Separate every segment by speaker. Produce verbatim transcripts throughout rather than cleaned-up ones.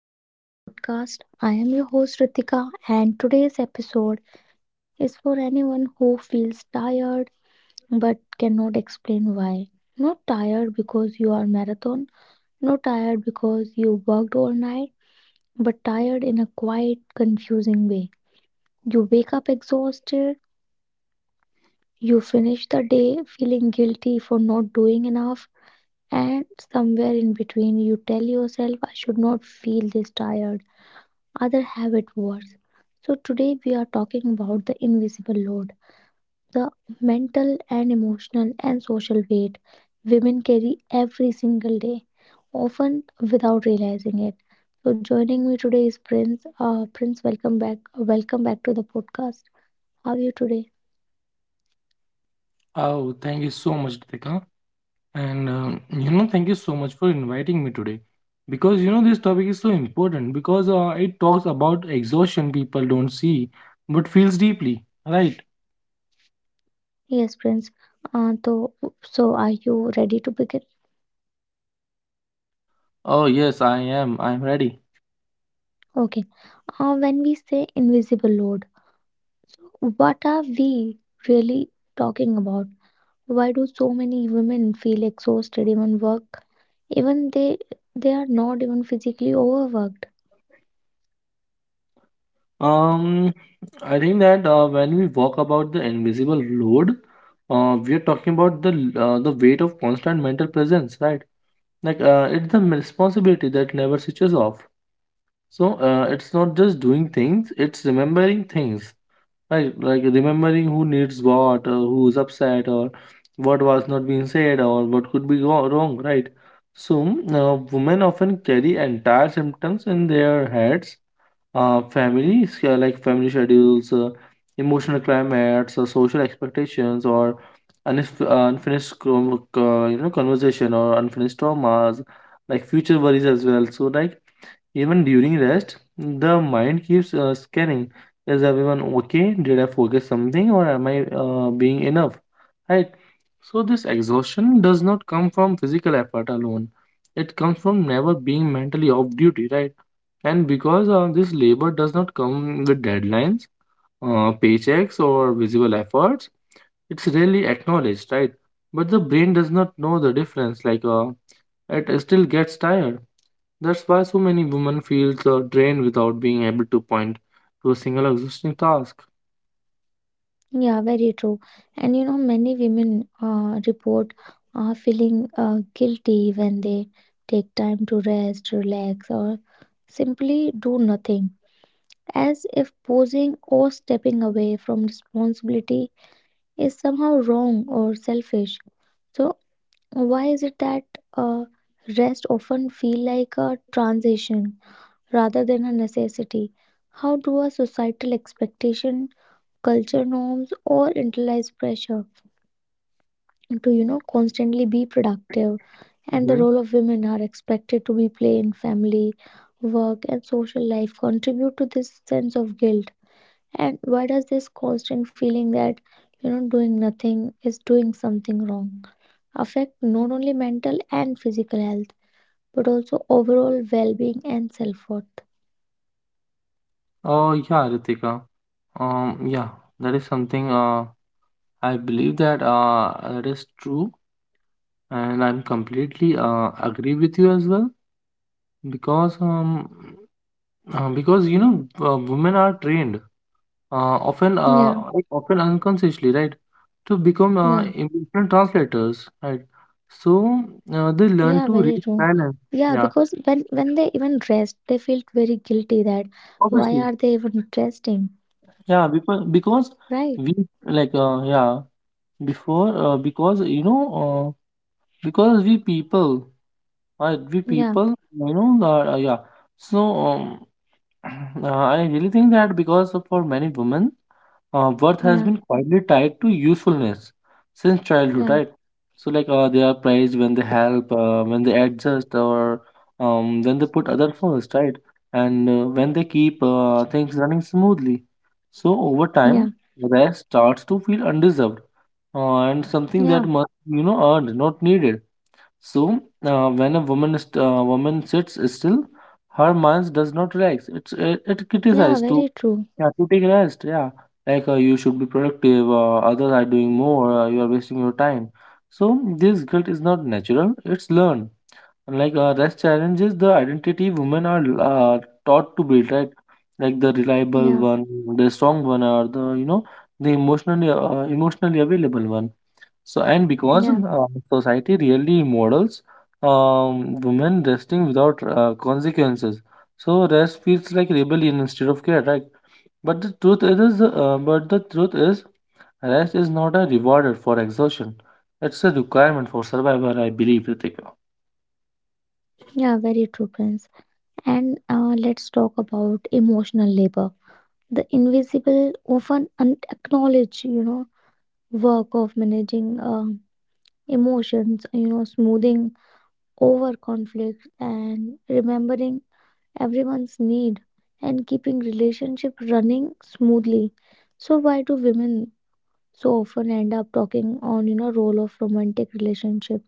Speaker 1: back to the podcast. I am your host Ritika, and today's episode is for anyone who feels tired but cannot explain why. Not tired because you are marathon, not tired because you worked all night, but tired in a quiet, confusing way. You wake up exhausted, you finish the day feeling guilty for not doing enough, and somewhere in between, you tell yourself, I should not feel this tired. Other habit wars. So, today we are talking about the invisible load, the mental and emotional and social weight women carry every single day, often without realizing it. So, joining me today is Prince. Uh, Prince, welcome back. Welcome back to the podcast. How are you today?
Speaker 2: Oh, thank you so much, Ritika. And um, you know, thank you so much for inviting me today. Because you know, this topic is so important because uh, it talks about exhaustion people don't see but feels deeply, right?
Speaker 1: Yes, Prince. Uh, so, so are you ready to begin?
Speaker 2: Oh, yes, I am. I'm ready.
Speaker 1: Okay. Uh, when we say invisible load, so what are we really talking about? Why do so many women feel exhausted even work? Even they they are not even physically overworked.
Speaker 2: Um, I think that uh, when we talk about the invisible load, uh, we are talking about the l- uh, the weight of constant mental presence, right? Like uh, it's the responsibility that never switches off. So uh, it's not just doing things, it's remembering things, right? Like remembering who needs what, or who's upset, or what was not being said, or what could be go- wrong, right? So uh, women often carry entire symptoms in their heads. Uh, family, uh, like family schedules, uh, emotional climates, uh, social expectations, or unif- uh, unfinished com- uh, you know conversation or unfinished traumas, like future worries as well. So like even during rest, the mind keeps uh, scanning. Is everyone okay? Did I forget something or am I uh, being enough? Right? So, this exhaustion does not come from physical effort alone, it comes from never being mentally off duty, right? And because uh, this labor does not come with deadlines, uh, paychecks, or visible efforts, it's rarely acknowledged, right? But the brain does not know the difference, like uh, it still gets tired, that's why so many women feel uh, drained without being able to point to a single existing task.
Speaker 1: Yeah, very true. And you know, many women uh, report uh, feeling uh, guilty when they take time to rest, relax, or simply do nothing, as if posing or stepping away from responsibility is somehow wrong or selfish. So, why is it that uh, rest often feel like a transition rather than a necessity? How do our societal expectation, culture norms, or internalized pressure to you know constantly be productive and the
Speaker 2: Hmm.
Speaker 1: role of women are expected to be play in family, work, and social life contribute to this sense of guilt? And why does this constant feeling that you know doing nothing is doing something wrong affect not only mental and physical health but also overall well-being and self-worth?
Speaker 2: Oh yeah, Ritika. Um, yeah, that is something. Uh, I believe that uh, that is true, and I'm completely uh, agree with you as well because um, uh, because you know uh, women are trained uh, often uh,
Speaker 1: Yeah,
Speaker 2: like, often unconsciously, right, to become uh,
Speaker 1: yeah.
Speaker 2: emotional translators, right. So uh, they
Speaker 1: Yeah,
Speaker 2: learn
Speaker 1: very
Speaker 2: to read
Speaker 1: true.
Speaker 2: silence.
Speaker 1: Yeah,
Speaker 2: Yeah,
Speaker 1: because when when they even dressed, they felt very guilty that why
Speaker 2: obviously,
Speaker 1: are they even dressing,
Speaker 2: yeah, because because
Speaker 1: right?
Speaker 2: we like uh yeah, before uh, because you know uh, because we people right, we
Speaker 1: Yeah,
Speaker 2: people you know, uh, yeah. So um, uh, I really think that because for many women, uh, worth has
Speaker 1: yeah,
Speaker 2: been quietly tied to usefulness since childhood,
Speaker 1: yeah,
Speaker 2: right? So like uh, they are praised when they help, uh, when they adjust, or um, when they put other first, right? And uh, when they keep uh, things running smoothly. So over
Speaker 1: yeah,
Speaker 2: time, rest starts to feel undeserved, uh, and something
Speaker 1: yeah,
Speaker 2: that must be, you know, earned, not needed. So uh, when a woman is, uh, woman sits still, her mind does not relax. It's it, it
Speaker 1: yeah,
Speaker 2: criticizes to,
Speaker 1: very true.
Speaker 2: yeah, to take rest. Yeah, like uh, you should be productive. Uh, others are doing more. Uh, you are wasting your time. So this guilt is not natural. It's learned. And like uh, rest challenges the identity women are uh, taught to build, right? Like the reliable
Speaker 1: Yeah,
Speaker 2: one, the strong one, or the, you know, the emotionally uh, emotionally available one. So, and because
Speaker 1: yeah,
Speaker 2: uh, society really models um, women resting without uh, consequences. So rest feels like rebellion instead of care, right? But the truth it is, uh, but the truth is, rest is not a reward for exhaustion. It's a requirement for survival, I believe, Ritika.
Speaker 1: yeah, very true, Prince. And uh, let's talk about emotional labor, the invisible, often unacknowledged, you know, work of managing uh, emotions, you know, smoothing over conflict and remembering everyone's need and keeping relationship running smoothly. So why do women so often end up talking on you know role of romantic relationships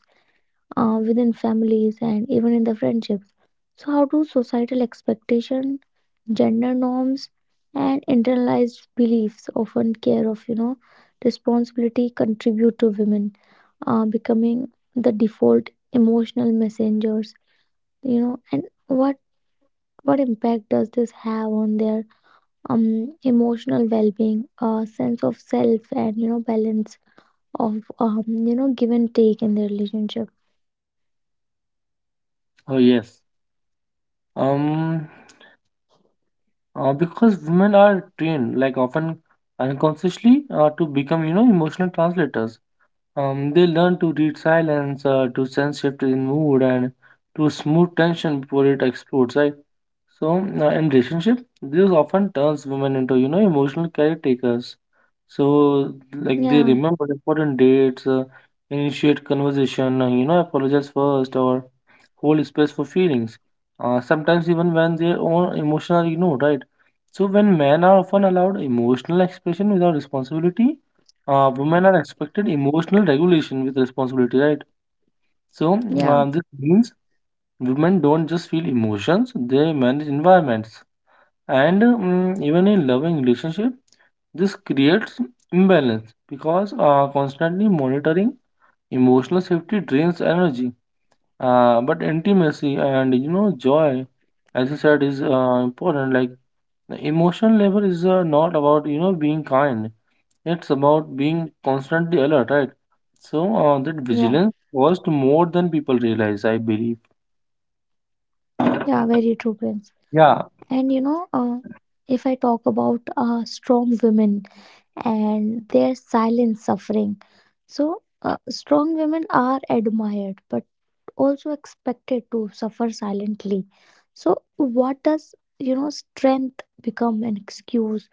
Speaker 1: uh, within families and even in the friendships? So how do societal expectation, gender norms, and internalized beliefs often care of you know responsibility contribute to women uh, becoming the default emotional messengers, you know and what what impact does this have on their um, emotional well-being, uh, sense of self, and you know balance of um, you know give and take in their relationship?
Speaker 2: Oh yes. Um, uh, because women are trained, like often unconsciously, uh, to become, you know, emotional translators. Um, they learn to read silence, uh, to sense shift in mood, and to smooth tension before it explodes, right? So, uh, in relationship, this often turns women into, you know, emotional caretakers. So, like they
Speaker 1: Yeah,
Speaker 2: remember important dates, uh, initiate conversation, uh, you know, apologize first, or hold space for feelings. Uh, sometimes even when their own emotions are ignored, right? So, when men are often allowed emotional expression without responsibility, uh, women are expected emotional regulation with responsibility, right? So
Speaker 1: yeah,
Speaker 2: uh, this means women don't just feel emotions; they manage environments, and mm even in loving relationship, this creates imbalance because uh, constantly monitoring emotional safety drains energy. Uh, but intimacy and you know joy, as you said, is uh, important. Like emotional labor is uh, not about you know being kind. It's about being constantly alert, right? So uh, that
Speaker 1: yeah,
Speaker 2: vigilance costs more than people realize, I believe.
Speaker 1: yeah. Very true, Prince.
Speaker 2: Yeah.
Speaker 1: And you know, uh, if I talk about uh, strong women and their silent suffering, so uh, strong women are admired but also expected to suffer silently. So, what does you know strength become an excuse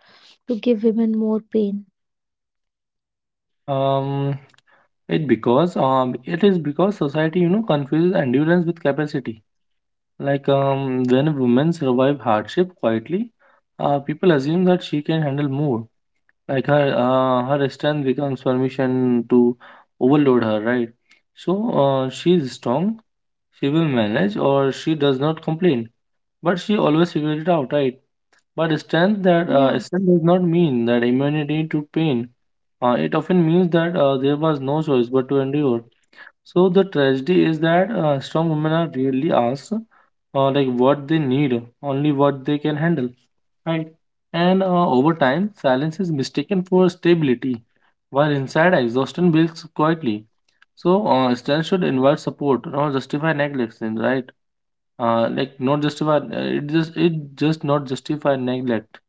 Speaker 1: to give women more pain.
Speaker 2: um, it because um, it is because society, you know, confuses endurance with capacity. Like um, when women survive hardship quietly, uh, people assume that she can handle more. Like her uh, her strength becomes permission to overload her, right? So uh, she is strong, she will manage, or she does not complain. But she always figured it out, right? But strength that uh,
Speaker 1: Yeah,
Speaker 2: strength does not mean that immunity to pain. Uh, it often means that uh, there was no choice but to endure. So the tragedy is that uh, strong women are rarely asked, uh, like what they need, only what they can handle, right? And uh, over time, silence is mistaken for stability, while inside exhaustion builds quietly. So uh, strength should invite support, not justify neglect, right? Uh, like not justify. It just it just not justify neglect.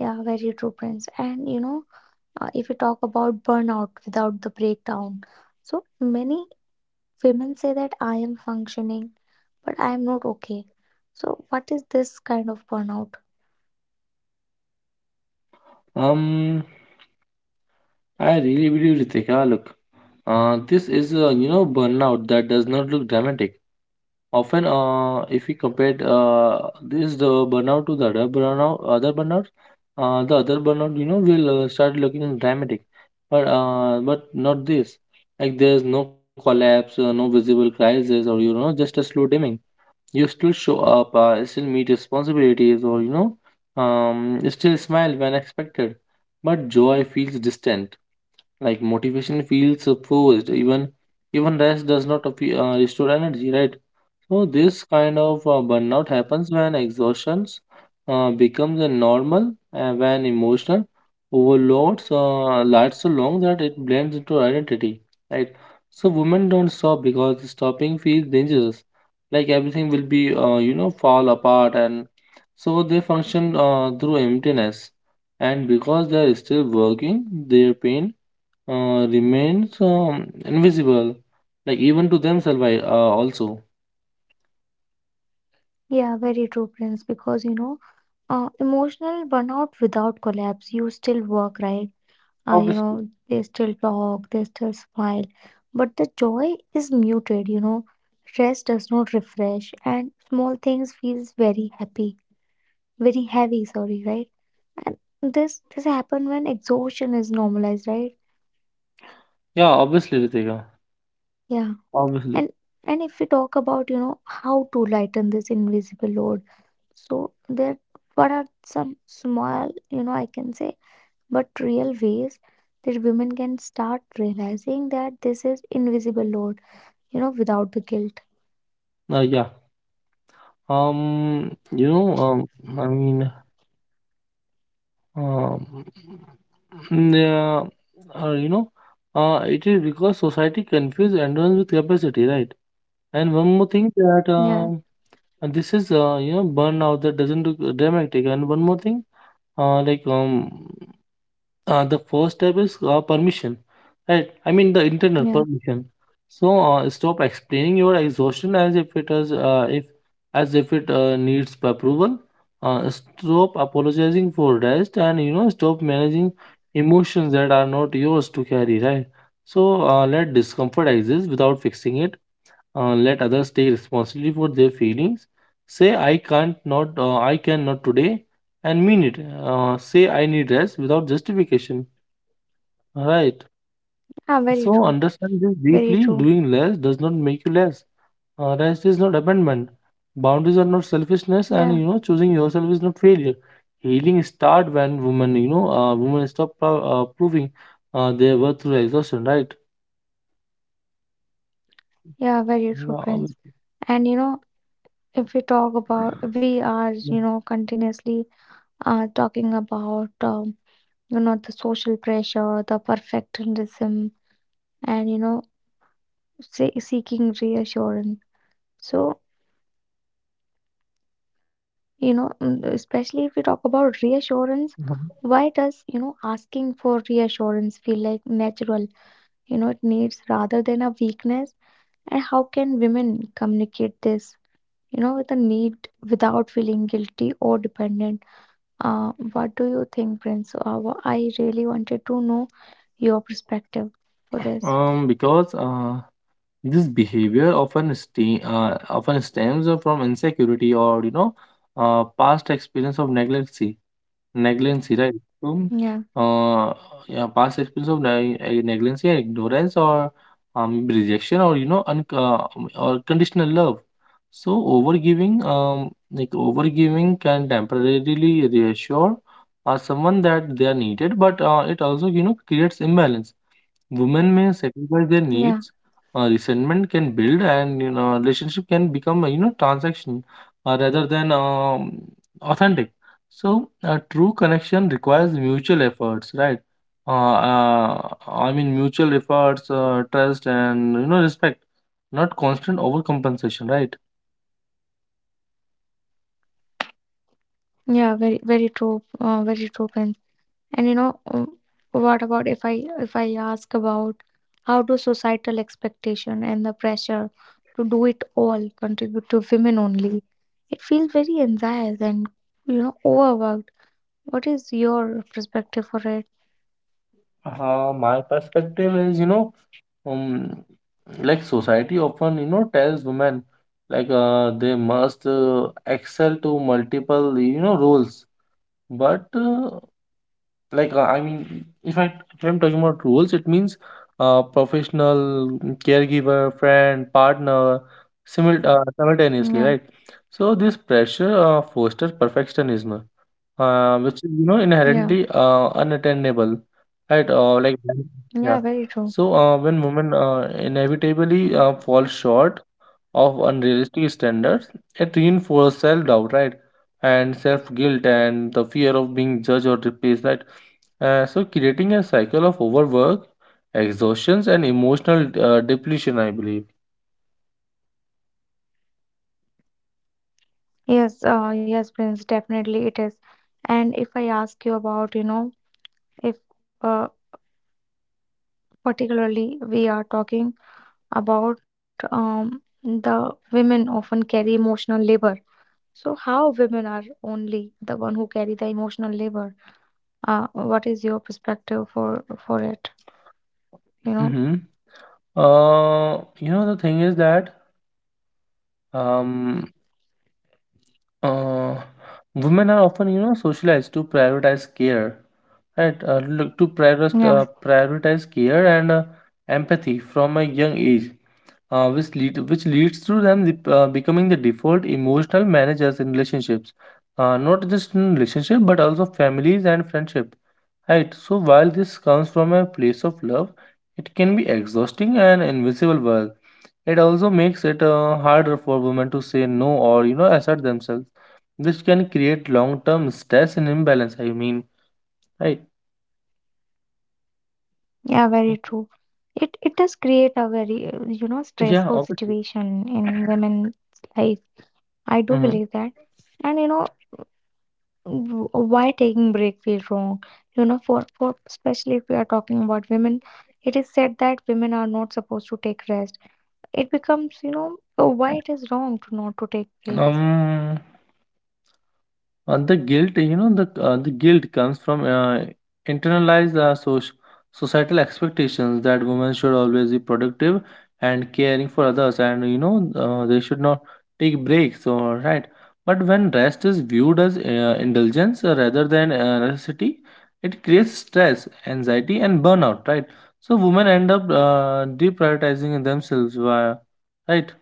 Speaker 1: yeah, very true, Prince. And you know, uh, if you talk about burnout without the breakdown, so many women say that I am functioning, but I am not okay. So, what is this kind of burnout?
Speaker 2: um I really believe, Ritika, look, uh, this is, uh, you know, burnout that does not look dramatic, often. Uh, if we compare, uh, this the burnout to the other burnout, other burnout uh, the other burnout, you know, will uh, start looking dramatic, but uh, but not this. Like there's no collapse, uh, no visible crisis, or you know, just a slow dimming. You still show up, uh, still meet responsibilities, or you know, um, still smile when expected. But joy feels distant, like motivation feels forced. Even even rest does not uh, restore energy, right? No, this kind of uh, burnout happens when exhaustion uh, becomes a normal, and when emotional overloads uh, lasts so long that it blends into identity, right? So women don't stop because stopping feels dangerous. Like everything will be, uh, you know, fall apart, and so they function uh, through emptiness. And because they are still working, their pain uh, remains um, invisible, like even to themselves, I- uh, also.
Speaker 1: Yeah, very true, Prince. Because you know, uh, emotional burnout without collapse, you still work, right? Uh, you
Speaker 2: Obviously.
Speaker 1: know they still talk, they still smile, but the joy is muted. You know stress does not refresh, and small things feels very happy, very heavy, sorry, right? And this this happen when exhaustion is normalized, right?
Speaker 2: Yeah, obviously, Ritika.
Speaker 1: Yeah.
Speaker 2: Obviously.
Speaker 1: And and if we talk about you know how to lighten this invisible load, so there, what are some small, you know I can say, but real ways that women can start realizing that this is invisible load, you know, without the guilt.
Speaker 2: Uh, yeah. Um, you know, um, I mean, um, mm, yeah, uh, you know, uh, It is because society confuses endurance with capacity, right? And one more thing, that
Speaker 1: Yeah,
Speaker 2: um, and this is, uh, you know, burnout that doesn't look dramatic. And one more thing, uh, like um, Uh, the first step is uh, permission, right? I mean the internal
Speaker 1: yeah,
Speaker 2: permission. So uh, stop explaining your exhaustion as if it is, uh, if as if it uh, needs approval. Uh, stop apologizing for rest, and you know stop managing emotions that are not yours to carry, right? So uh, let discomfort exist without fixing it. Uh, let others take responsibility for their feelings. Say I can't, not uh, I cannot today, and mean it. Uh, say I need rest without justification. Right.
Speaker 1: yeah, very
Speaker 2: So
Speaker 1: true,
Speaker 2: understand this
Speaker 1: very
Speaker 2: deeply.
Speaker 1: true.
Speaker 2: Doing less does not make you less. Uh, rest is not abandonment. Boundaries are not selfishness, and
Speaker 1: Yeah,
Speaker 2: you know choosing yourself is not failure. Healing start when women, you know, uh, women stop pro- uh, proving uh, their worth through exhaustion. Right.
Speaker 1: yeah, very true,
Speaker 2: Yeah, I would-
Speaker 1: Prince. And you know, if we talk about, we are,
Speaker 2: Yeah.
Speaker 1: you know, continuously uh, talking about, um, you know, the social pressure, the perfectionism, and you know, se- seeking reassurance. So, you know, mm, especially if we talk about reassurance,
Speaker 2: Mhm.
Speaker 1: why does, you know, asking for reassurance feel like natural? You know, it needs rather than a weakness. And how can women communicate this, you know, with a need without feeling guilty or dependent? Uh, what do you think, Prince? Uh, wha- I really wanted to know your perspective for this.
Speaker 2: Um, because uh, this behavior often ste- uh, often stems from insecurity, or you know uh, past experience of neglect. Negligence, right? So,
Speaker 1: Yeah,
Speaker 2: uh, yeah, past experience of neg eh, negligence, yeah, ignorance, or um, rejection, or you know, un uh, um, or conditional love. So, overgiving, um, like overgiving can temporarily reassure uh, someone that they are needed, but uh, it also, you know, creates imbalance. Women may sacrifice their
Speaker 1: yeah,
Speaker 2: needs. Uh, resentment can build, and you know, relationship can become a you know transaction, uh, rather than um, authentic. So, a true connection requires mutual efforts, right? Uh, uh, I mean, mutual efforts, uh, trust, and you know, respect, not constant overcompensation, right?
Speaker 1: yeah. Very, very true. Uh, very true, Prince. And you know, um, what about if I if I ask about how do societal expectation and the pressure to do it all contribute to women only? It feels very anxious and you know overworked. What is your perspective for it?
Speaker 2: Uh, my perspective is, you know, um, like society often, you know, tells women like uh, they must uh, excel to multiple, you know, roles. But uh, like uh, I mean, if I if I'm talking about roles, it means uh, professional, caregiver, friend, partner, simul uh, simultaneously,
Speaker 1: Yeah,
Speaker 2: right? So this pressure uh, fosters perfectionism, uh, which is you know
Speaker 1: yeah,
Speaker 2: inherently uh, unattainable, right? Uh, like. Mhm.
Speaker 1: yeah,
Speaker 2: Yeah.
Speaker 1: very true.
Speaker 2: So uh, when women uh, inevitably uh, fall short of unrealistic standards, it reinforces self-doubt, right? And self-guilt and the fear of being judged or replaced, right? Uh, so creating a cycle of overwork, exhaustions, and emotional uh, depletion, I believe.
Speaker 1: Yes, uh, yes, Prince, definitely it is. And if I ask you about, you know, if uh, particularly we are talking about um, the women often carry emotional labor. So how women are only the one who carry the emotional labor? Uh, what is your perspective for for it? You know?
Speaker 2: Hmm. Uh, you know the thing is that um Uh, women are often, you know, socialized to prioritize care, right? Uh, look to prioritize,
Speaker 1: Yeah.
Speaker 2: uh, prioritize care and uh, empathy from a young age, uh, which lead which leads to them the, uh, becoming the default emotional managers in relationships, uh, not just in relationship but also families and friendship, right? So while this comes from a place of love, it can be exhausting and invisible work. It also makes it uh, harder for women to say no or you know assert themselves, which can create long-term stress and imbalance. I mean, right?
Speaker 1: Yeah, very true. It it does create a very uh, you know
Speaker 2: Yeah,
Speaker 1: stressful
Speaker 2: obviously.
Speaker 1: situation in women's life. I do
Speaker 2: Hmm.
Speaker 1: believe that, and you know w- why taking break feel wrong. You know, for for especially if we are talking about women, it is said that women are not supposed to take rest. It becomes you know uh, why it is wrong to not to take breaks.
Speaker 2: Um, Uh, the guilt, you know, the uh, the guilt comes from uh, internalized uh, soc- societal expectations that women should always be productive and caring for others, and you know, uh, they should not take breaks. Or right, but when rest is viewed as uh, indulgence uh, rather than uh, necessity, it creates stress, anxiety, and burnout. Right, so women end up uh, deprioritizing themselves. Via, right?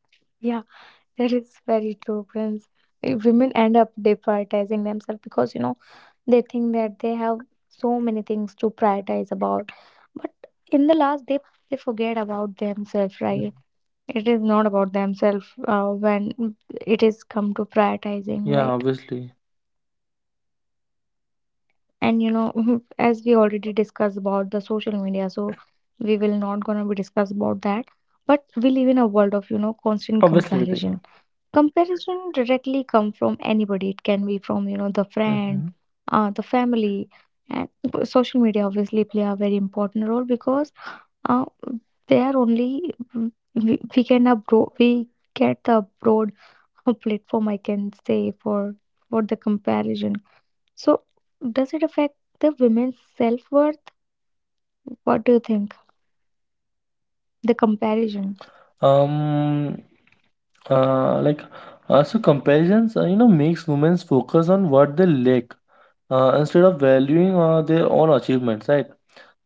Speaker 1: Yeah, that is very true, Prince. Uh, Women end up deprioritizing themselves because you know They think that they have so many things to prioritize about, but in the last, they they forget about themselves. Right? It is not about themselves uh, when it is come to prioritizing.
Speaker 2: Yeah,
Speaker 1: Right?
Speaker 2: obviously,
Speaker 1: And you know, as we already discussed about the social media, so we will not gonna be discuss about that. But we live in a world of you know constant
Speaker 2: obviously, Ritika.
Speaker 1: comparison. Comparison directly come from anybody. It can be from you know the friend,
Speaker 2: Hmm.
Speaker 1: uh, the family, and social media obviously play a very important role because uh, they are only we, we can abro- we get the broad uh, platform, I can say, for for the comparison. So does it affect the women's self worth? What do you think? The comparison.
Speaker 2: um uh, like uh, so comparisons, uh, you know makes women focus on what they lack uh, instead of valuing uh, their own achievements, right?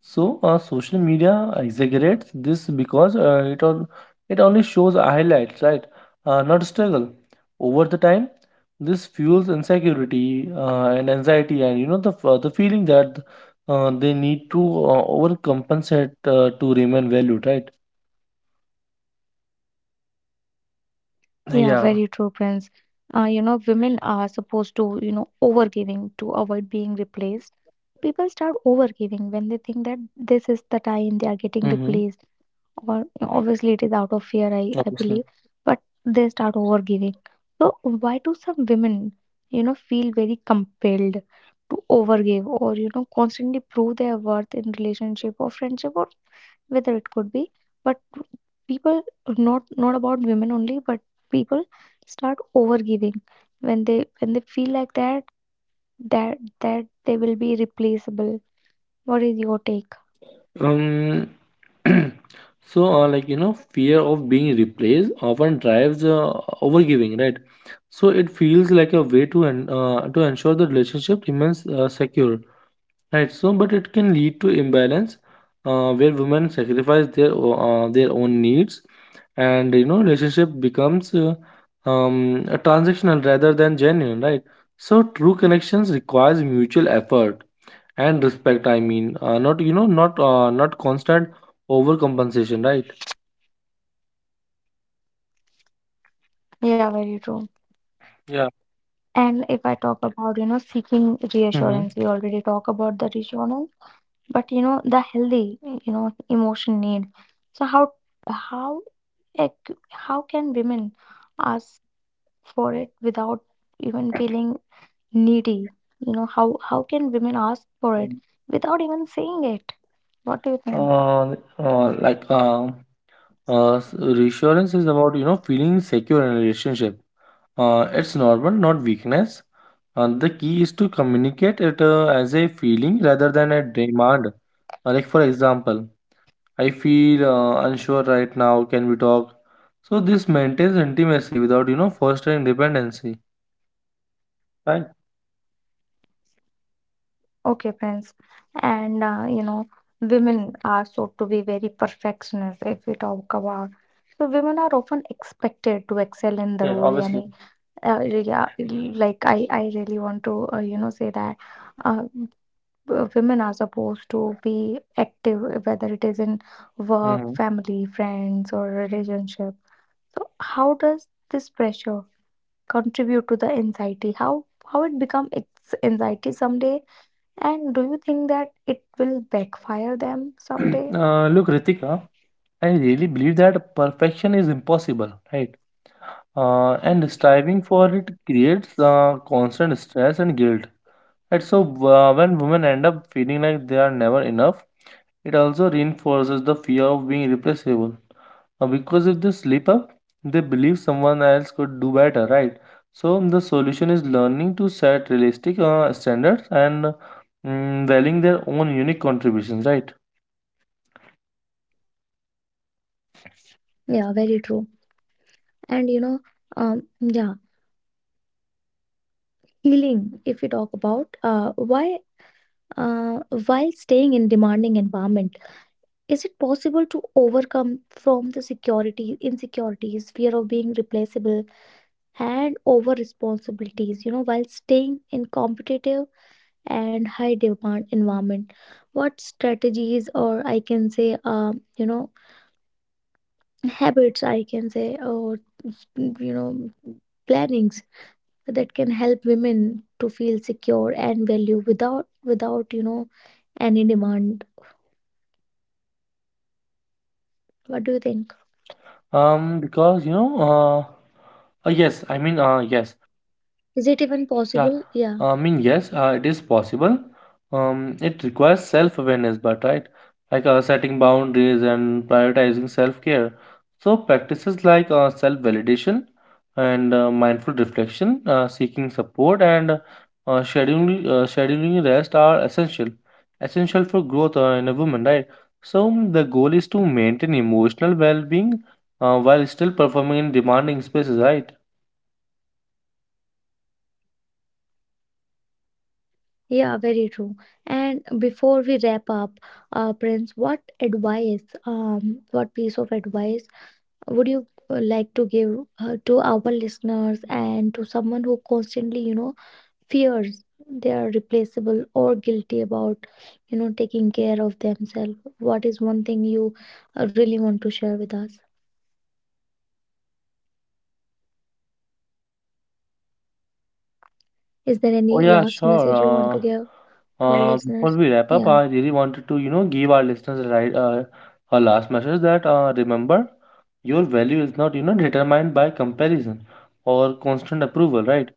Speaker 2: So uh, social media exaggerates this because uh, it all it only shows highlights, right? Uh, not struggle over the time. This fuels insecurity uh, and anxiety, and you know the f- uh, the feeling that uh, they need to uh, overcompensate uh, to remain valued, right?
Speaker 1: Yeah, very true,
Speaker 2: Yeah.
Speaker 1: Prince. Uh, you know, women are supposed to, you know, overgiving to avoid being replaced. People start overgiving when they think that this is the time they are getting
Speaker 2: Mm-hmm.
Speaker 1: replaced, or obviously it is out of fear, I, I
Speaker 2: Obviously.
Speaker 1: believe, but they start overgiving. So why do some women, you know, feel very compelled to overgive or, you know, constantly prove their worth in relationship or friendship or whether it could be, but people, not not about women only but people start overgiving when they when they feel like that that that they will be replaceable. What is your take?
Speaker 2: Um, so uh, like you know, fear of being replaced often drives uh, overgiving, right? So it feels like a way to en- uh, to ensure the relationship remains uh, secure, right? So, but it can lead to imbalance, uh, where women sacrifice their o- uh, their own needs, and you know, relationship becomes uh, um, a transactional rather than genuine, right? So, true connections requires mutual effort and respect. I mean, uh, not you know not uh, not constant overcompensation, right?
Speaker 1: Yeah, very true.
Speaker 2: Yeah.
Speaker 1: And if I talk about you know seeking
Speaker 2: Mm-hmm.
Speaker 1: reassurance, we already talk about the reassurance, but you know the healthy, you know emotion need. So how how ec- how can women ask for it without even feeling needy. You know, how how can women ask for it without even saying it? What do you think?
Speaker 2: uh, uh, like uh, uh, s- Reassurance is about you know feeling secure in a relationship. Uh, it's normal, not weakness. Uh, the key is to communicate it uh, as a feeling rather than a demand. Uh, like, for example, I feel uh, unsure right now, can we talk? So this maintains intimacy without you know fostering dependency, right?
Speaker 1: Okay, friends. And uh, you know, women are so to be very perfectionist if we talk about. So women are often expected to excel in the
Speaker 2: Yeah.
Speaker 1: role.
Speaker 2: Obviously.
Speaker 1: Yani, uh, yeah, like I, I really want to uh, you know say that uh, w- women are supposed to be active, whether it is in work,
Speaker 2: Mm-hmm.
Speaker 1: family, friends, or relationship. So how does this pressure contribute to the anxiety? How how it become ex- anxiety someday, and do you think that it will backfire them someday?
Speaker 2: Uh, look, Ritika, I really believe that perfection is impossible, right? Uh, and striving for it creates uh, constant stress and guilt. And So, uh, when women end up feeling like they are never enough, it also reinforces the fear of being replaceable. Uh, because if they slip up, they believe someone else could do better, right? So, the solution is learning to set realistic uh, standards and mm, valuing their own unique contributions, right?
Speaker 1: Yeah, very true. And you know, um, yeah, healing. If we talk about uh, why, uh, while staying in demanding environment, is it possible to overcome from the security insecurities, fear of being replaceable, and over responsibilities? You know, while staying in competitive and high demand environment, what strategies, or I can say, um, you know habits I can say, or you know plannings that can help women to feel secure and value without without you know any demand, what do you think?
Speaker 2: Um, because you know, uh, uh, yes, I mean, uh, Yes,
Speaker 1: Is it even
Speaker 2: yeah,
Speaker 1: possible? Yeah.
Speaker 2: I mean, yes, uh, it is possible. Um, it requires self-awareness, but right, like uh, setting boundaries and prioritizing self-care. So practices like uh, self-validation and uh, mindful reflection, uh, seeking support, and uh, scheduling uh, scheduling rest are essential, essential for growth uh, in a woman, right? So mm, the goal is to maintain emotional well-being uh, while still performing in demanding spaces, right?
Speaker 1: Yeah, very true. And before we wrap up, uh, Prince, what advice um what piece of advice would you uh, like to give uh, to our listeners and to someone who constantly you know fears they are replaceable or guilty about you know taking care of themselves, what is one thing you uh, really want to share with us? Is there any
Speaker 2: Oh, yeah,
Speaker 1: last message
Speaker 2: sure.
Speaker 1: you want to give
Speaker 2: Uh,
Speaker 1: to our
Speaker 2: uh, before
Speaker 1: listeners?
Speaker 2: we wrap up,
Speaker 1: Yeah.
Speaker 2: I really wanted to, you know, give our listeners a, right, uh, a last message that uh, remember, your value is not, you know, determined by comparison or constant approval, right?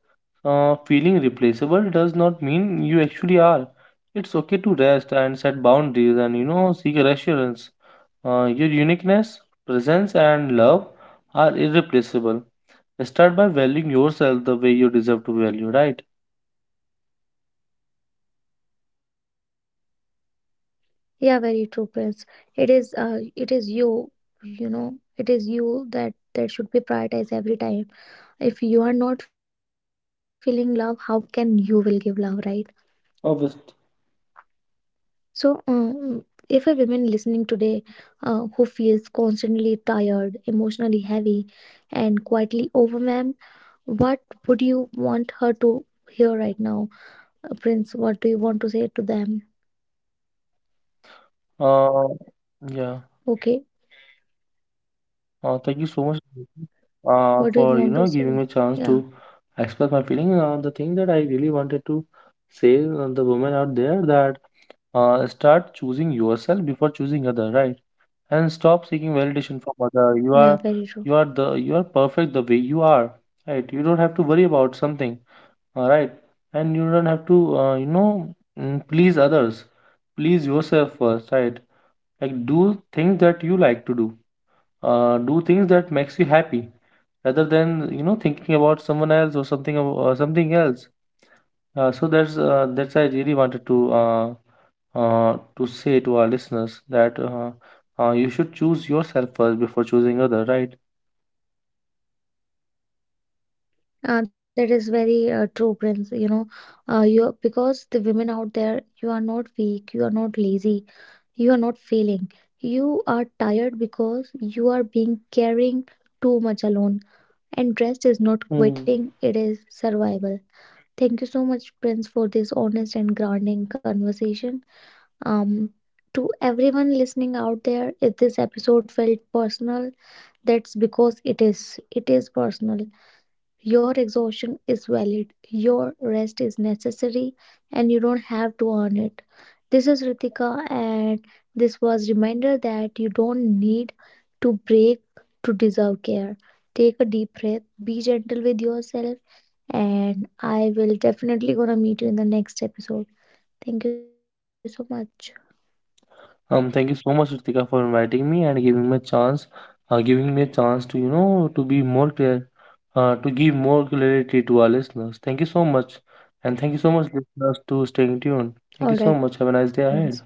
Speaker 2: Uh, feeling replaceable does not mean you actually are. It's okay to rest and set boundaries and, you know, seek reassurance. Uh, your uniqueness, presence, and love are irreplaceable. Start by valuing yourself the way you deserve to value, right?
Speaker 1: Yeah, very true, Prince. It is, uh, it is you, you know it is you that that should be prioritized every time. If you are not feeling love, how can you will give love, right?
Speaker 2: Obviously.
Speaker 1: So, um, if a woman listening today, uh, who feels constantly tired, emotionally heavy, and quietly overwhelmed, what would you want her to hear right now? Uh, Prince, what do you want to say to them?
Speaker 2: Uh, yeah.
Speaker 1: Okay,
Speaker 2: Uh, thank you so much uh, for you
Speaker 1: what
Speaker 2: know
Speaker 1: do you
Speaker 2: giving me
Speaker 1: want
Speaker 2: a
Speaker 1: to
Speaker 2: chance
Speaker 1: say?
Speaker 2: to
Speaker 1: Yeah,
Speaker 2: express my feeling. Uh, the thing that I really wanted to say, uh, the women out there, that uh, start choosing yourself before choosing other, right? And stop seeking validation from other. You are
Speaker 1: yeah,
Speaker 2: you are
Speaker 1: very
Speaker 2: the
Speaker 1: true.
Speaker 2: you are perfect the way you are, right? You don't have to worry about something, all right? And you don't have to uh, you know mm, please others. Please yourself first, right? Like, do things that you like to do, uh, do things that makes you happy, rather than you know thinking about someone else or something ab- uh, something else. Uh, so that's uh, that's I really wanted to uh, uh, to say to our listeners, that uh, uh, you should choose yourself first before choosing other, right?
Speaker 1: Uh, that is very uh, true, Prince. You know, uh, you, because the women out there, you are not weak, you are not lazy. You are not failing. You are tired because you are being carrying too much alone. And rest is not
Speaker 2: Mhm.
Speaker 1: quitting, it is survival. Thank you so much, Prince, for this honest and grounding conversation. Um, to everyone listening out there, if this episode felt personal, that's because it is. It is personal. Your exhaustion is valid, your rest is necessary, and you don't have to earn it. This is Ritika, and this was reminder that you don't need to break to deserve care. Take a deep breath, be gentle with yourself, and I will definitely gonna meet you in the next episode. Thank you so much.
Speaker 2: Um, thank you so much, Ritika, for inviting me and giving me a chance, uh, giving me a chance to, you know, to be more clear, uh, to give more clarity to our listeners. Thank you so much, and thank you so much, listeners, to staying tuned.
Speaker 1: All
Speaker 2: Thank
Speaker 1: right,
Speaker 2: you so
Speaker 1: friends.
Speaker 2: much. Have a nice day ahead.